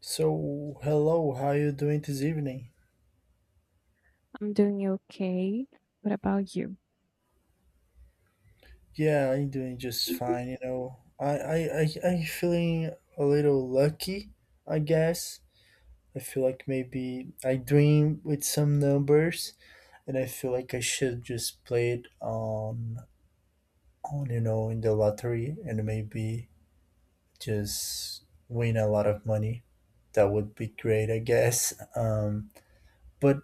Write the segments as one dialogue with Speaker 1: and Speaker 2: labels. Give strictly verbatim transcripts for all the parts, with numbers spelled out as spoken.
Speaker 1: So, hello, how you doing this evening?
Speaker 2: I'm doing okay. What about you?
Speaker 1: Yeah, I'm doing just fine, you know. I I I I'm feeling a little lucky, I guess. I feel like maybe I dream with some numbers and I feel like I should just play it on on you know in the lottery and maybe just win a lot of money. That would be great, I guess. Um but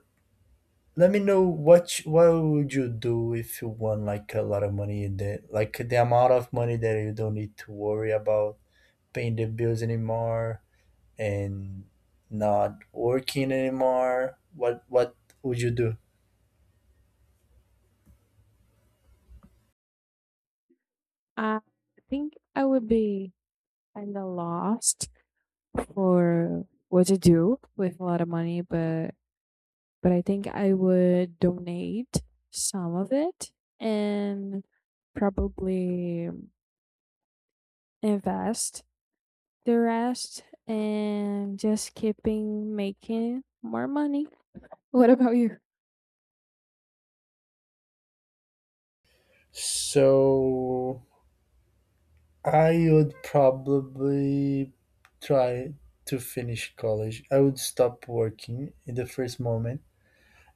Speaker 1: Let me know what you, what would you do if you won like a lot of money that like the amount of money that you don't need to worry about paying the bills anymore and not working anymore. What what would you do?
Speaker 2: I think I would be kind of lost for what to do with a lot of money, but but I think I would donate some of it and probably invest the rest and just keeping making more money. What about you?
Speaker 1: So I would probably try to finish college. I would stop working in the first moment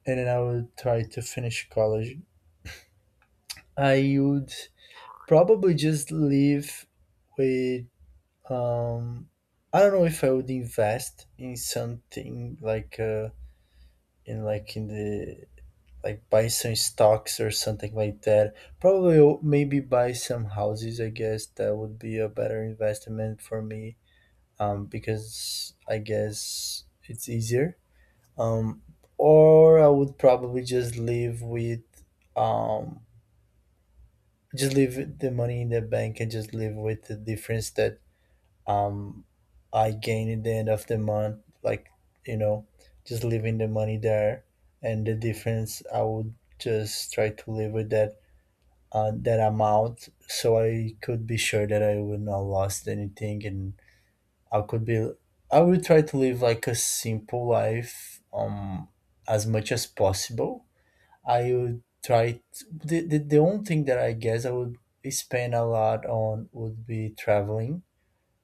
Speaker 1: and then I would try to finish college. I would Probably just leave with um I don't know if I would invest in something like uh in like in the like buy some stocks or something like that. Probably o- maybe buy some houses, I guess that would be a better investment for me, um because I guess it's easier. Um or I would probably just leave with um just leave the money in the bank and just live with the difference that, um I gain at the end of the month, like, you know, just leaving the money there, and the difference I would just try to live with that, uh, that amount, so I could be sure that I would not lost anything, and I could be I would try to live like a simple life, um, as much as possible. I would try t the, the the only thing that I guess I would spend a lot on would be traveling.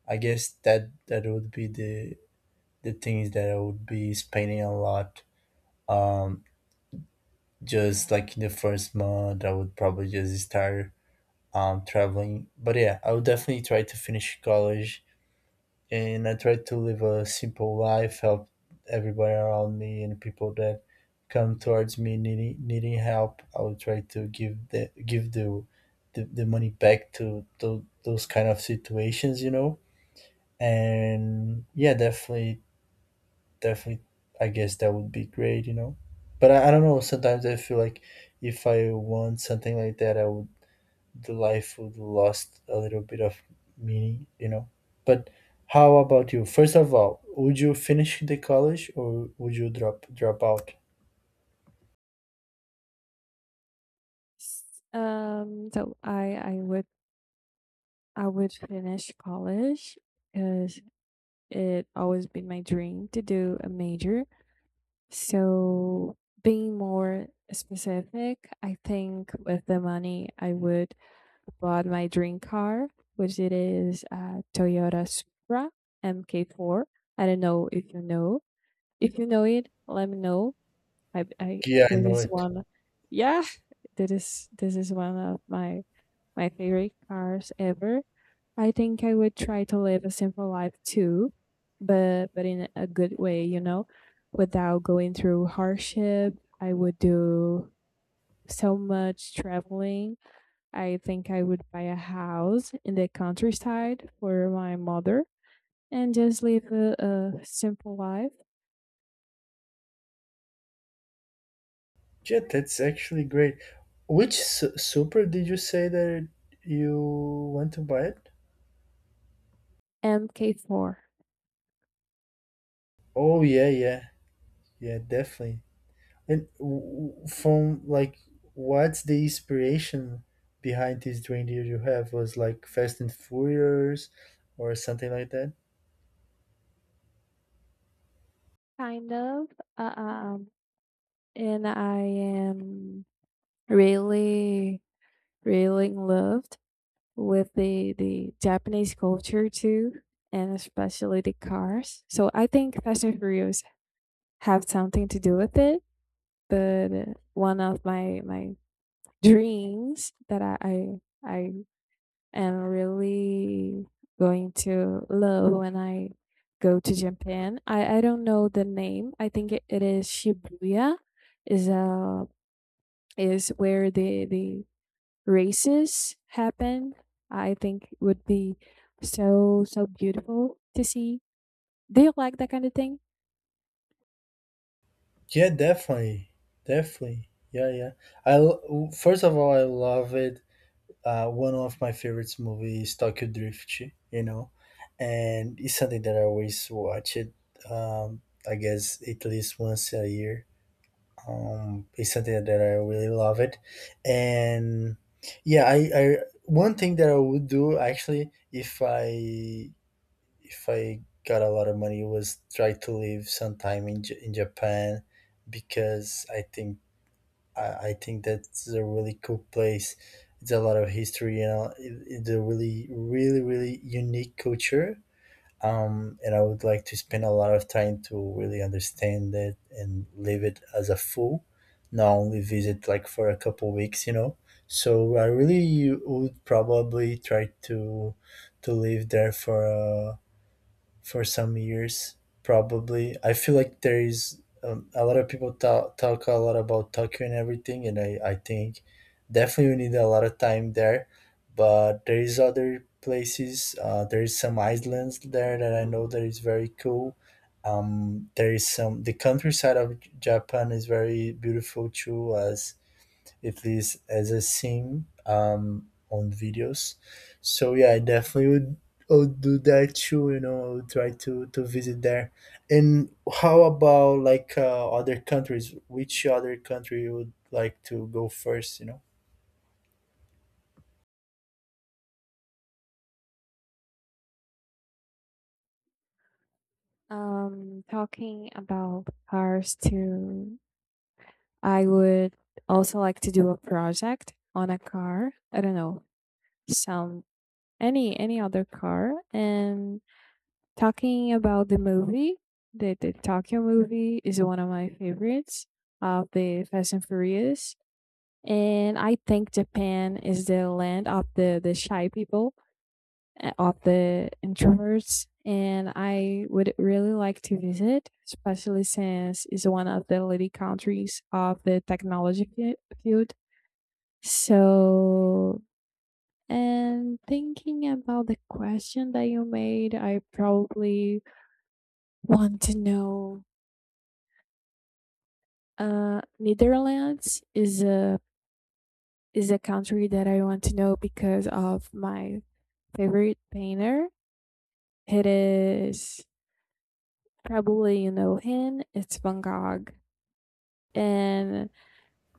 Speaker 1: I guess that that would be the the things that I would be spending a lot. Um, just like in the first month, I would probably just start um traveling. But yeah, I would definitely try to finish college, and I try to live a simple life, help everybody around me and people that come towards me needing needing help. I would try to give the give the the, the money back to, to those kind of situations, you know, and yeah, definitely definitely I guess that would be great, you know. But I, I don't know, sometimes I feel like if I want something like that, I would, the life would lost a little bit of meaning, you know. But how about you? First of all, would you finish the college or would you drop drop out?
Speaker 2: S- Um, so I I would I would finish college because it always been my dream to do a major. So being more specific, I think with the money I would bought my dream car, which it is a Toyota Supra M K four. I don't know if you know. If you know it, let me know. I, I
Speaker 1: Yeah, I
Speaker 2: this
Speaker 1: know
Speaker 2: is
Speaker 1: it.
Speaker 2: one. Yeah, this is this is one of my my favorite cars ever. I think I would try to live a simple life too, but but in a good way, you know, without going through hardship. I would do so much traveling. I think I would buy a house in the countryside for my mother and just live a, a simple life.
Speaker 1: Yeah, that's actually great. Which su- super did you say that you want to buy it?
Speaker 2: M K four.
Speaker 1: Oh, yeah, yeah. Yeah, definitely. And w- w- from like, what's the inspiration behind this reindeer you have? Was like Fast and Furious or something like that?
Speaker 2: Kind of. uh, um and I am really really in love with the the Japanese culture too, and especially the cars. So I think Fast and Furious have something to do with it. But uh, one of my my dreams that I I, I am really going to love when I go to Japan. I I don't know the name. I think it, it is Shibuya. Is uh is where the the races happen. I think it would be so so beautiful to see. Do you like that kind of thing?
Speaker 1: Yeah, definitely, definitely. Yeah, yeah. I l- first of all, I love it. Uh, one of my favorites movies, Tokyo Drift. You know, and it's something that I always watch it. Um, I guess at least once a year. Um, it's something that I really love it. And yeah, I I one thing that I would do actually if i if I got a lot of money was try to live some time in, J- in Japan, because I think I, I think that's a really cool place. It's a lot of history, you know. It, it's a really really really unique culture, um, and I would like to spend a lot of time to really understand it and live it as a full, not only visit like for a couple weeks, you know. So I really would probably try to to live there for, uh, for some years, probably. I feel like there is, um, a lot of people talk, talk a lot about Tokyo and everything, and I, I think definitely we need a lot of time there. But there is other places. Uh, there is some islands there that I know that is very cool. Um, there is some the countryside of J- Japan is very beautiful too, as if it's as a scene um on videos. So yeah, I definitely would, I would do that too. You know, I would try to to visit there. And how about like, uh, other countries? Which other country you would like to go first? You know.
Speaker 2: Um, talking about cars too. I would also like to do a project on a car. I don't know, some any any other car. And talking about the movie, the the Tokyo movie is one of my favorites of the Fast and Furious, and I think Japan is the land of the the shy people, uh, of the introverts, and I would really like to visit, especially since it's one of the leading countries of the technology fi- field. So, and thinking about the question that you made, I probably want to know. Uh, Netherlands is a is a country that I want to know because of my favorite painter. It is, probably you know him, it's Van Gogh, and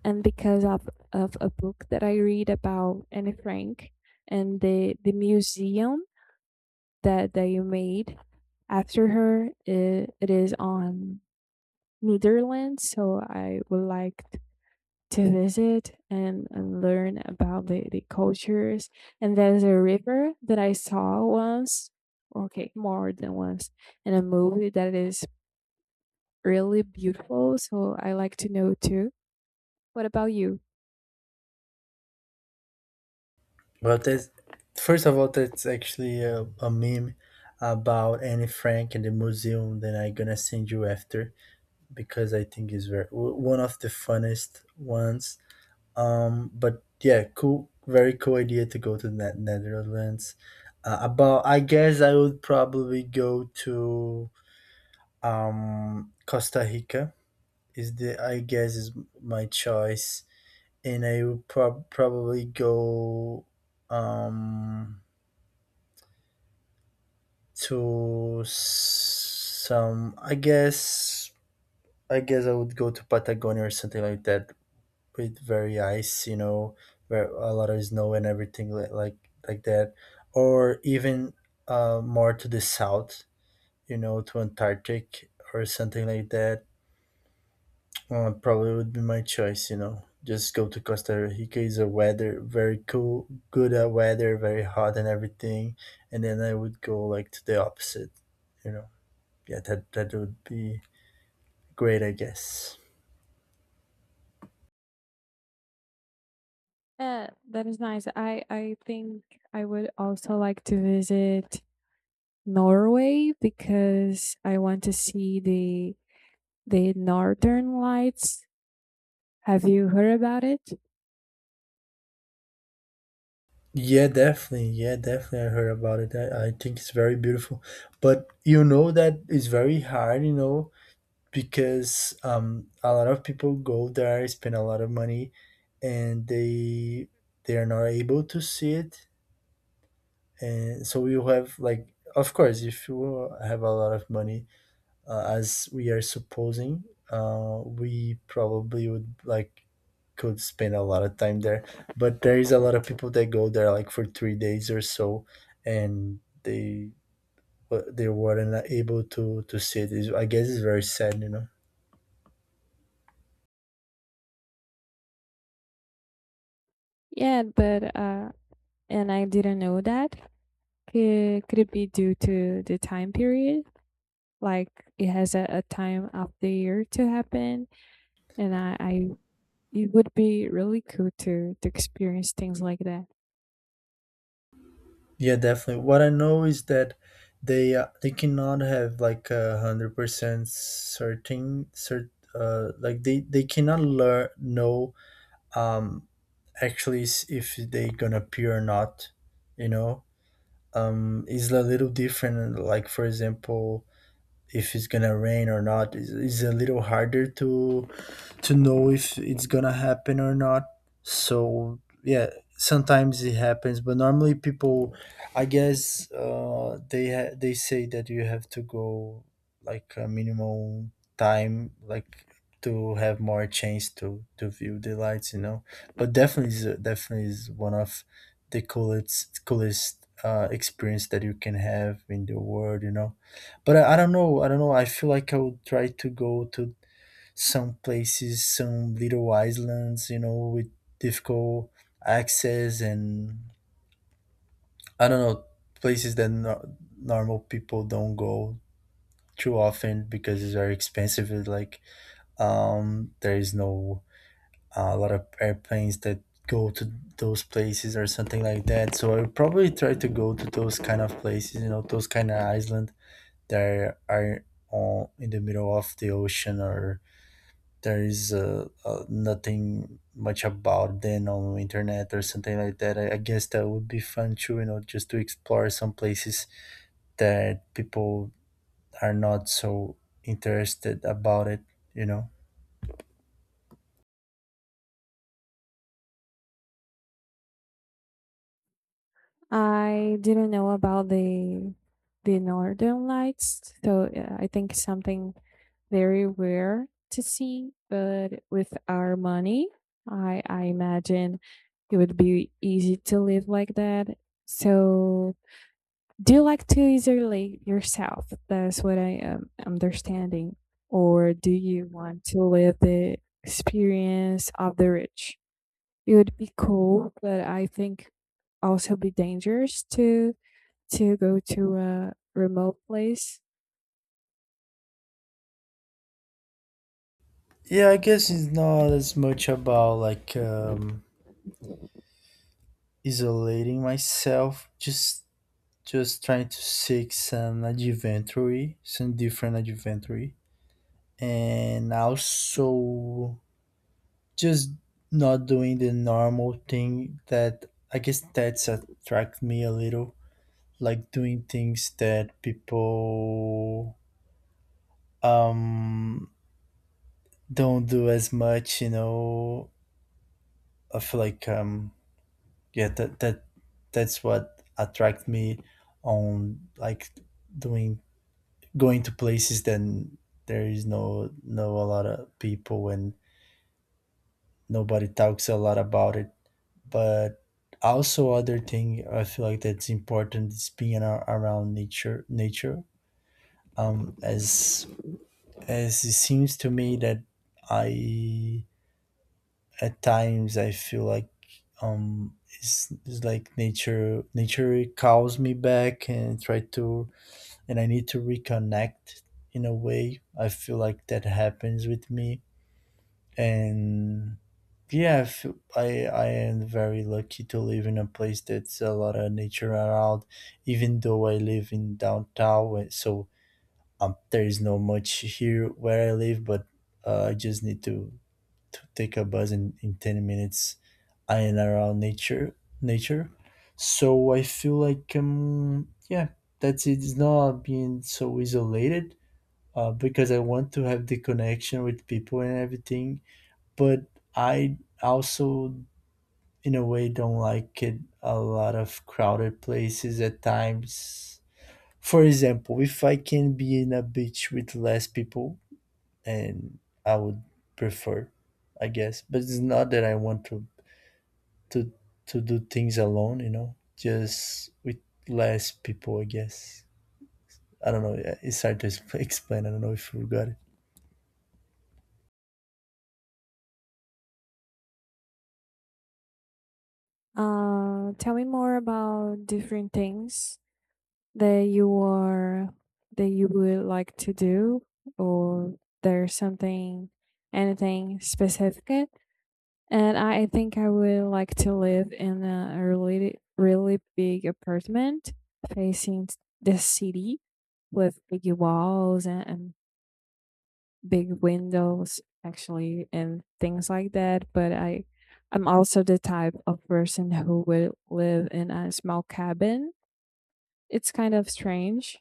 Speaker 2: and because of of a book that I read about Anne Frank and the the museum that they made after her. It, it is on Netherlands. So I would like to visit and, and learn about the, the cultures. And there's a river that I saw once, okay, more than once, in a movie that is really beautiful. So I like to know too. What about you?
Speaker 1: Well, that's first of all, that's actually a, a meme about Anne Frank and the museum that I'm gonna send you after, because I think it's very w- one of the funnest ones. Um, but yeah, cool, very cool idea to go to the Netherlands. Uh, about, I guess I would probably go to, um Costa Rica. Is the, I guess is my choice, and I would prob- probably go, um to s- some. I guess I guess I would go to Patagonia or something like that, with very ice, you know, where a lot of snow and everything li- like like that, or even, uh, more to the south, you know, to Antarctic or something like that. Uh, probably would be my choice, you know. Just go to Costa Rica is a weather very cool, good at weather, very hot and everything, and then I would go like to the opposite, you know. Yeah, that that would be great, I guess.
Speaker 2: Uh, that is nice. I, I think I would also like to visit Norway because I want to see the the northern lights. Have you heard about it?
Speaker 1: Yeah, definitely. Yeah, definitely. I heard about it. I, I think it's very beautiful. But you know that it's very hard, you know, because um a lot of people go there, spend a lot of money, and they they are not able to see it. And so you have like, of course, if you have a lot of money, uh, as we are supposing, uh, we probably would like could spend a lot of time there. But there is a lot of people that go there like for three days or so, and they, but they weren't able to to see it. It's, I guess it's very sad, you know.
Speaker 2: Yeah, but uh, and I didn't know that. Could, could it be due to the time period? Like it has a, a time of the year to happen, and I, I it would be really cool to to experience things like that.
Speaker 1: Yeah, definitely. What I know is that they, uh, they cannot have like a hundred percent certain cert uh like they they cannot learn know, um actually s- if they gonna appear or not, you know. um is a little different, like for example, if it's gonna rain or not is, is a little harder to to know if it's gonna happen or not. So yeah, sometimes it happens, but normally people, I guess, uh, they ha- they say that you have to go like a minimum time, like to have more chance to to view the lights, you know. But definitely, is definitely is one of the coolest coolest uh, experience that you can have in the world, you know. But I, I don't know i don't know i feel like I would try to go to some places, some little islands, you know, with difficult access. And I don't know, places that no- normal people don't go too often because it's very expensive. It's like, um, there is no, uh, a lot of airplanes that go to those places or something like that. So I would probably try to go to those kind of places, you know, those kind of island that are on in the middle of the ocean, or there is uh, uh, nothing much about them on internet or something like that. I, I guess that would be fun too, you know, just to explore some places that people are not so interested about it, you know.
Speaker 2: I didn't know about the the northern lights, so yeah, I think something very rare to see. But with our money, I I imagine it would be easy to live like that. So, do you like to isolate yourself? That's what I am understanding. Or do you want to live the experience of the rich? It would be cool, but I think also be dangerous to to go to a remote place.
Speaker 1: Yeah, I guess it's not as much about like, um, isolating myself, just just trying to seek some adventure, some different adventure. And also just not doing the normal thing that, I guess that's attract me a little, like doing things that people, um don't do as much, you know. I feel like, um yeah, that that that's what attract me on like doing, going to places then there is no no a lot of people and nobody talks a lot about it. But also other thing I feel like that's important is being ar- around nature nature, um as as it seems to me that, I at times I feel like, um it's, it's like nature nature calls me back and try to, and I need to reconnect. In a way I feel like that happens with me. And yeah, I feel- I I am very lucky to live in a place that's a lot of nature around, even though I live in downtown, where- so um, there is not much here where I live, but, uh, I just need to, to take a bus in, in ten minutes. I am around nature, nature. So I feel like, um, yeah, that's it. It's not being so isolated, uh, because I want to have the connection with people and everything, but I also in a way don't like it a lot of crowded places at times. For example, if I can be in a beach with less people, and I would prefer, I guess. But it's not that I want to to to do things alone, you know, just with less people, I guess. I don't know. Yeah, it's hard to expl- explain. I don't know if you got it.
Speaker 2: Uh, tell me more about different things that you are that you would like to do, or there's something, anything specific. And I think I would like to live in a really, really big apartment facing the city with big walls and, and big windows actually and things like that. But i i'm also the type of person who would live in a small cabin. It's kind of strange.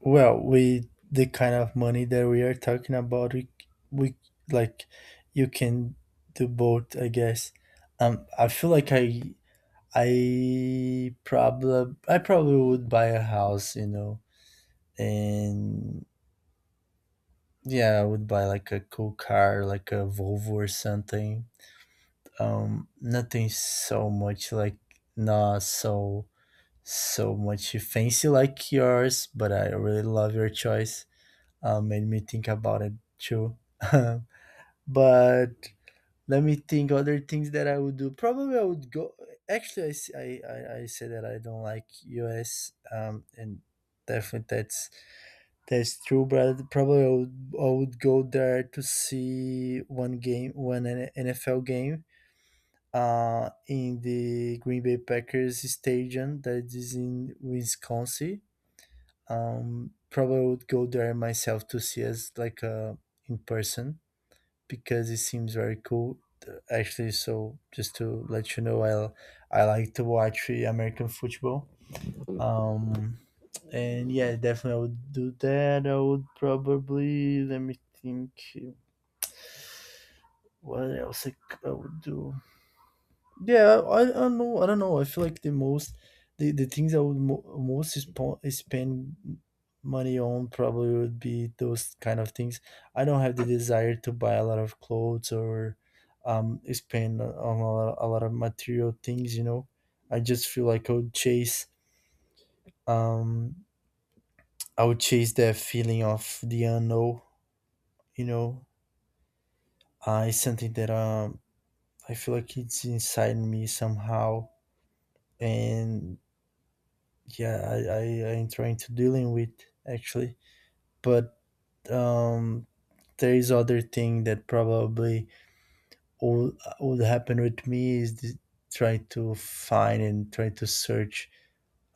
Speaker 1: Well, with the kind of money that we are talking about, we, we like you can do both, I guess. Um, I feel like I I probably I probably would buy a house, you know, and yeah, I would buy like a cool car, like a Volvo or something. Um, nothing so much like not so so much fancy like yours, but I really love your choice uh, made me think about it too. But let me think other things that I would do. Probably I would go. Actually, I s- I- I- I say that I don't like U S, um, and definitely that's that's true. But probably I would I would go there to see one game, one N- NFL game. Uh, in the Green Bay Packers stadium that is in Wisconsin. Um, probably I would go there myself to see us like uh in person because it seems very cool. Uh, actually, so just to let you know, I I like to watch uh, American football. Um, and yeah, definitely I would do that. I would probably let me think what else I, c- I would do. Yeah, I, I don't know. I don't know. I feel like the most, the, the things I would mo most spo spend money on probably would be those kind of things. I don't have the desire to buy a lot of clothes or um spend on a lot, a lot of material things, you know. I just feel like I would chase um I would chase that feeling of the unknown, you know. Uh, it's something that um I feel like it's inside me somehow and yeah i i I'm trying to dealing with actually, but um there is other thing that probably would, would happen with me is th- try to find and try to search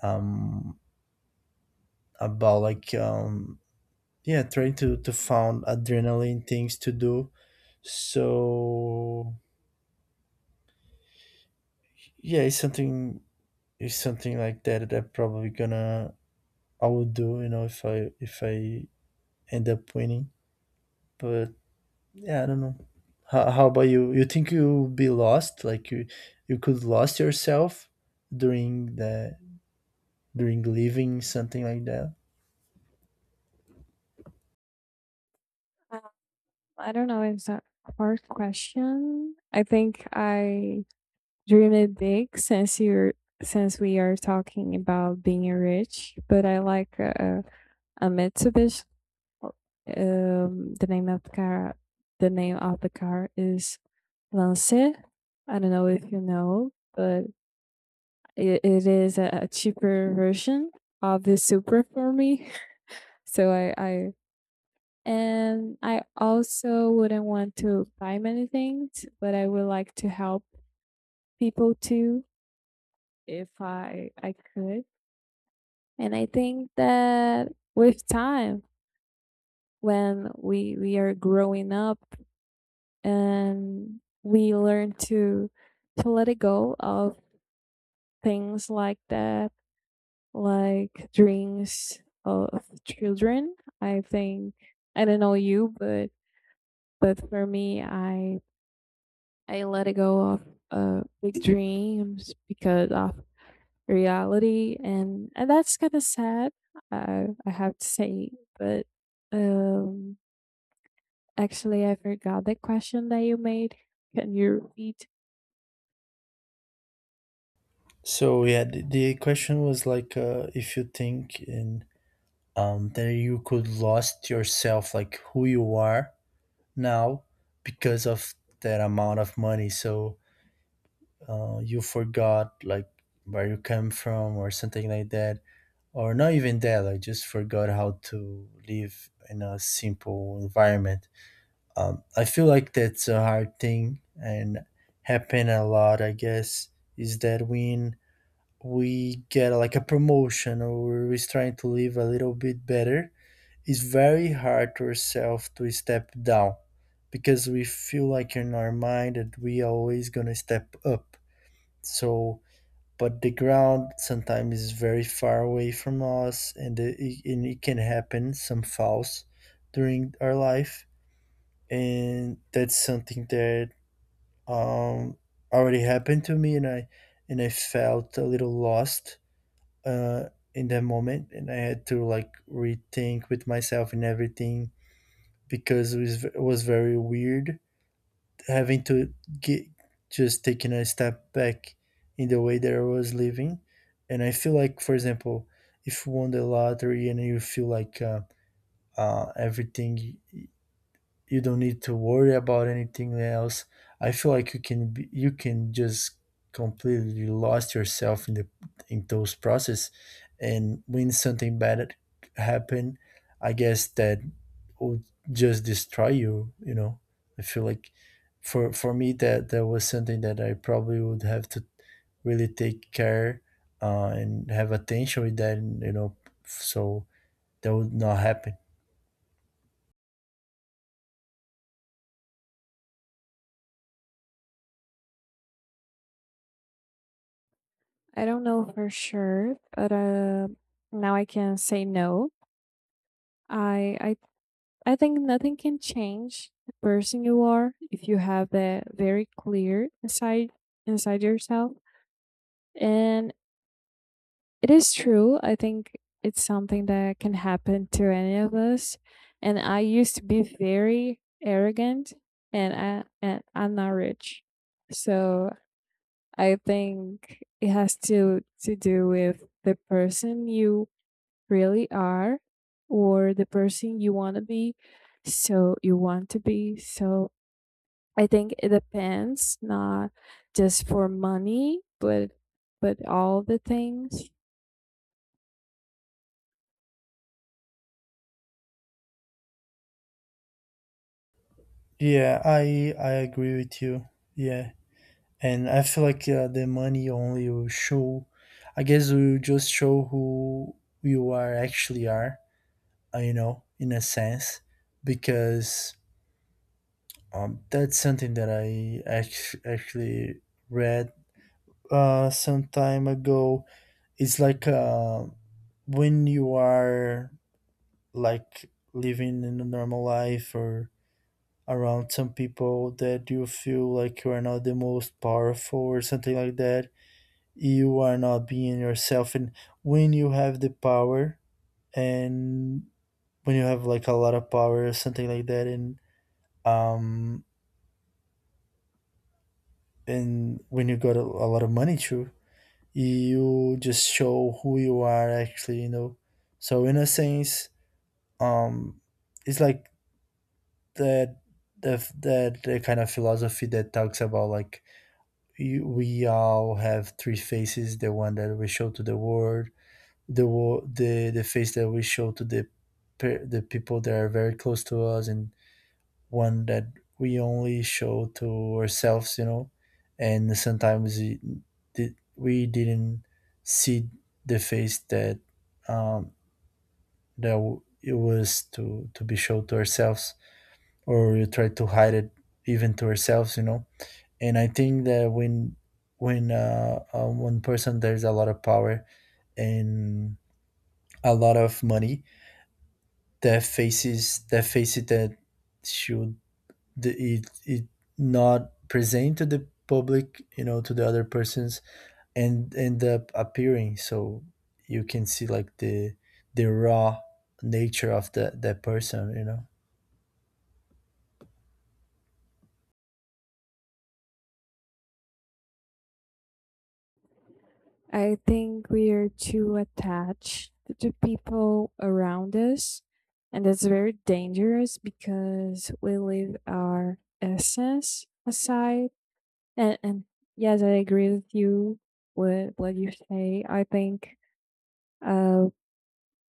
Speaker 1: um about like um yeah trying to to found adrenaline things to do, so yeah it's something, it's something like that that I probably gonna I would do, you know, if i if I end up winning, but yeah, I don't know. How, how about you? You think you'll be lost? Like you, you could lost yourself during the during leaving something like that.
Speaker 2: um, I don't know, it's a hard question. I think i dream it big, since you're since we are talking about being rich. But I like uh, a Mitsubishi. Um the name of the car, the name of the car is Lance. I don't know if you know, but it, it is a, a cheaper version of the Supra for me. So I, I and I also wouldn't want to buy many things, but I would like to help people too, if I I could. And I think that with time, when we we are growing up and we learn to to let it go of things like that, like dreams of children. I think, I don't know you, but but for me, I I let it go of uh, big dreams because of reality, and and that's kind of sad, I I have to say. But um, actually, I forgot the question that you made. Can you repeat?
Speaker 1: So yeah, the, the question was like, uh, if you think in um that you could lost yourself, like who you are now, because of that amount of money. So uh, you forgot like where you come from or something like that. Or not even that, I just forgot how to live in a simple environment. um, I feel like that's a hard thing and happen a lot, I guess, is that when we get like a promotion or we're trying to live a little bit better, it's very hard to ourselves to step down because we feel like in our mind that we always gonna step up, so but the ground sometimes is very far away from us and the, it, and it can happen some falls during our life. And that's something that um, already happened to me and I and I felt a little lost uh, in that moment, and I had to like rethink with myself and everything because it was, it was very weird having to get just taking a step back in the way that I was living. And I feel like, for example, if you won the lottery and you feel like uh, uh, everything, you don't need to worry about anything else. I feel like you can be, you can just completely lost yourself in the in those process, and when something bad happen, I guess that would just destroy you. You know, I feel like for for me that that was something that I probably would have to really take care uh, and have attention with that. And, you know, so that would not happen.
Speaker 2: I don't know for sure, but um now I can say no. I I I think nothing can change the person you are if you have that very clear inside inside yourself. And it is true. I think it's something that can happen to any of us. And I used to be very arrogant, and I and I'm not rich. So I think it has to to do with the person you really are, or the person you want to be. so you want to be so I think it depends, not just for money, but but all the things.
Speaker 1: Yeah, I I agree with you. Yeah. And I feel like uh, the money only will show. I guess will just show who you are actually are. uh, You know, in a sense, because um, that's something that I act- actually read uh, some time ago. It's like uh, when you are like living in a normal life or around some people that you feel like you are not the most powerful or something like that, you are not being yourself. And when you have the power, and when you have like a lot of power or something like that, and um and when you got a, a lot of money too, you just show who you are actually, you know. So in a sense, um it's like that that that the kind of philosophy that talks about like you, we all have three faces: the one that we show to the world, the wo- the the face that we show to the pe- the people that are very close to us, and one that we only show to ourselves, you know. And sometimes it, did- we didn't see the face that um that w- it was to to be shown to ourselves, or we try to hide it even to ourselves, you know. And I think that when when uh, uh one person there's a lot of power and a lot of money, their faces, their faces that should it it not present to the public, you know, to the other persons, and end up appearing, so you can see like the the raw nature of that that person, you know.
Speaker 2: I think we are too attached to people around us, and that's very dangerous because we leave our essence aside. And and yes, I agree with you with what you say. I think uh,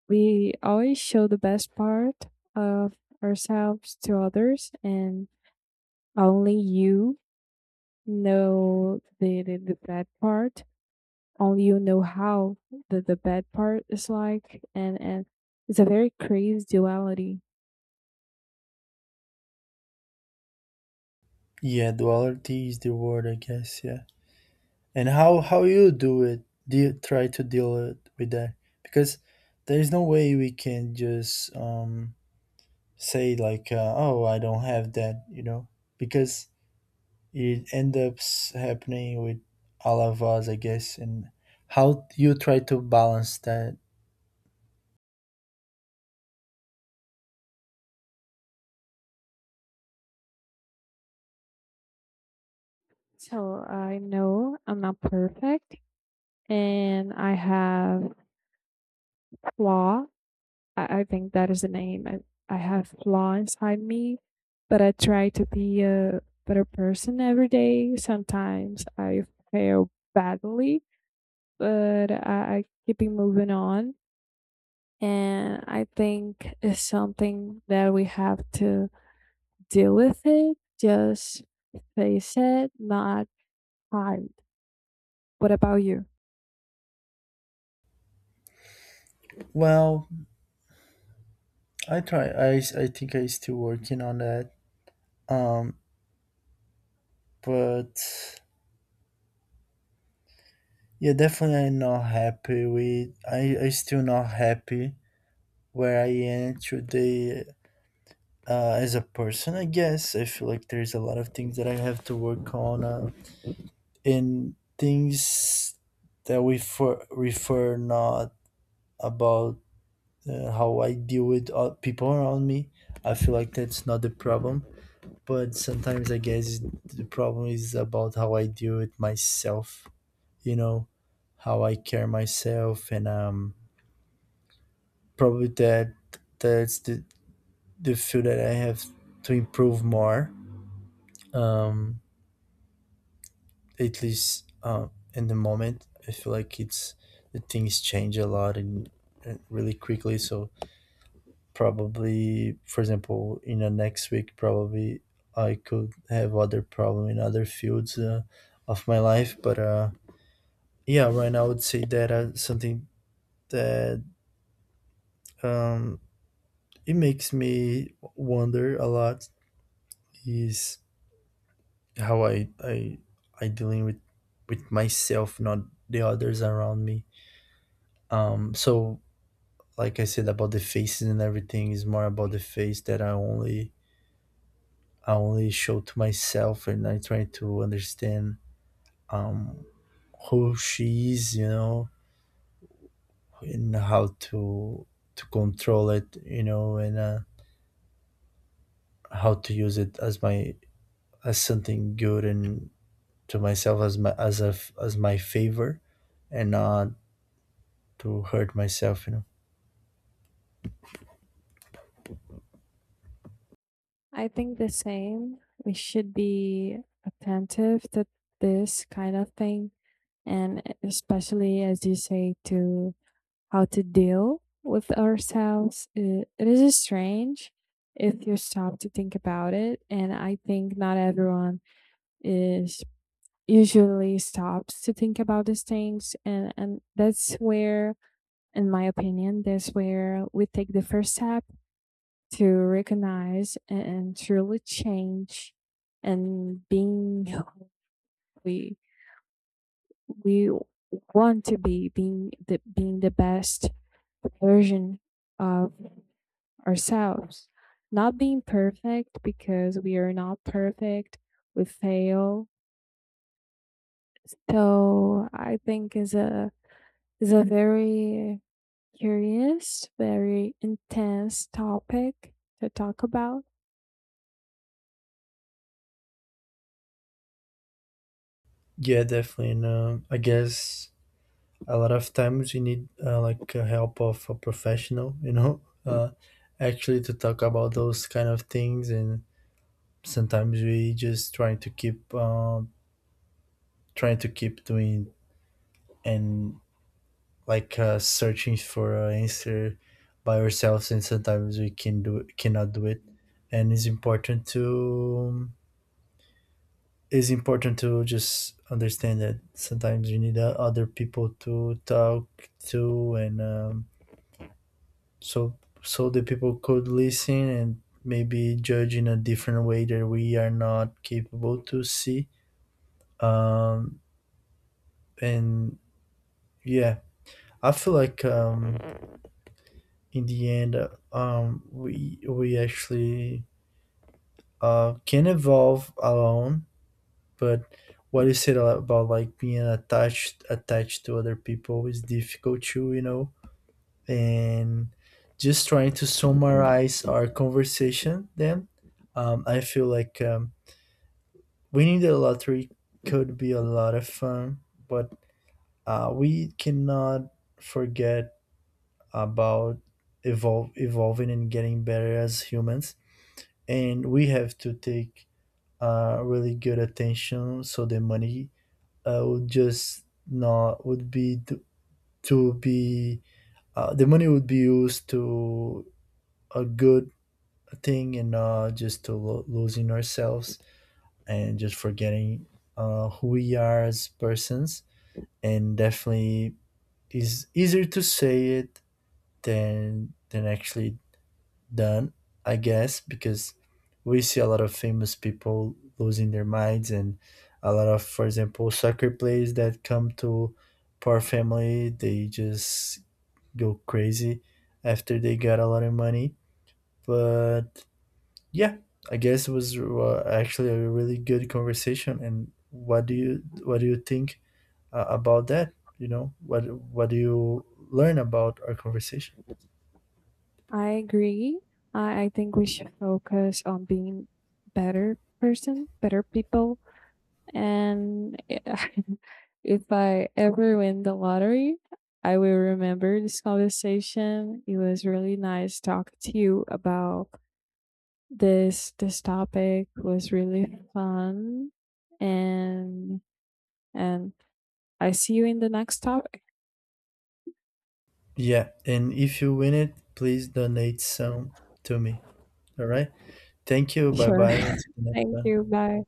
Speaker 2: we always show the best part of ourselves to others, and only you know the, the the bad part. Only you know how the the bad part is like, and and it's a very crazy duality.
Speaker 1: Yeah, duality is the word, I guess. Yeah. And how how you do it, do you try to deal it with that? Because there's no way we can just um say like uh, oh, I don't have that, you know, because it end up happening with all of us, I guess. And how you try to balance that?
Speaker 2: So I know I'm not perfect, and I have flaw. I, I think that is the name. I, I have flaw inside me, but I try to be a better person every day. Sometimes I fail badly, but I, I keep it moving on. And I think it's something that we have to deal with it, just face it, not hide. What about you?
Speaker 1: Well, I try. I, s- I think I still working on that. Um, but yeah, definitely I'm not happy with. I I still not happy where I am today. Uh, as a person, I guess I feel like there's a lot of things that I have to work on, uh, and things that we for refer not about uh, how I deal with uh, people around me. I feel like that's not the problem, but sometimes I guess the problem is about how I deal with myself. You know, how I care myself, and um, probably that that's the the field that I have to improve more. Um, at least uh, in the moment, I feel like it's the things change a lot, and, and really quickly, so probably for example in the next week probably I could have other problem in other fields uh, of my life, but uh yeah right now I would say that uh, something that um it makes me wonder a lot is how i i I dealing with with myself, not the others around me. um so like I said about the faces and everything is more about the face that i only I only show to myself, and I try to understand um, who she is, you know, and how to to control it, you know, and uh, how to use it as my as something good, and to myself as my as a as my favor, and not to hurt myself, you know.
Speaker 2: I think the same. We should be attentive to this kind of thing, and especially, as you say, to how to deal with ourselves. It, it is strange if you stop to think about it. And I think not everyone is usually stops to think about these things. And and that's where, in my opinion, that's where we take the first step to recognize and, and truly change, and being who we we want to be. Being the being the best version of ourselves, not being perfect, because we are not perfect, we fail. So I think is a is a very curious, very intense topic to talk about.
Speaker 1: Yeah, definitely. And uh, I guess a lot of times you need uh, like uh, help of a professional, you know, uh, actually to talk about those kind of things. And sometimes we just try to keep uh, trying to keep doing and like uh, searching for an answer by ourselves, and sometimes we can do cannot do it. And it's important to it's important to just understand that sometimes you need uh, other people to talk to, and um, so so the people could listen and maybe judge in a different way that we are not capable to see. um, and yeah, I feel like um, in the end, uh, um, we we actually uh, can evolve alone. But what you said a- about like being attached attached to other people is difficult too, you know. And just trying to summarize our conversation, then um, I feel like um, winning the lottery could be a lot of fun, but uh, we cannot forget about evolve, evolving and getting better as humans. And we have to take uh, really good attention so the money uh, would just not would be to, to be uh, the money would be used to a good thing and not just to lo- losing ourselves and just forgetting uh, who we are as persons. And definitely is easier to say it than than actually done, I guess, because we see a lot of famous people losing their minds and a lot of, for example, soccer players that come to poor family, they just go crazy after they got a lot of money. But yeah, I guess it was uh, actually a really good conversation. And what do you what do you think uh, about that? You know, what what do you learn about our conversation?
Speaker 2: I agree. I, I think we should focus on being better person, better people. And if I ever win the lottery, I will remember this conversation. It was really nice talking to you about this this topic. Was really fun, and and I see you in the next topic.
Speaker 1: Yeah, and if you win it, please donate some to me. All right? Thank you. Bye
Speaker 2: Sure.
Speaker 1: bye. Until the next
Speaker 2: Thank
Speaker 1: one.
Speaker 2: you. Bye.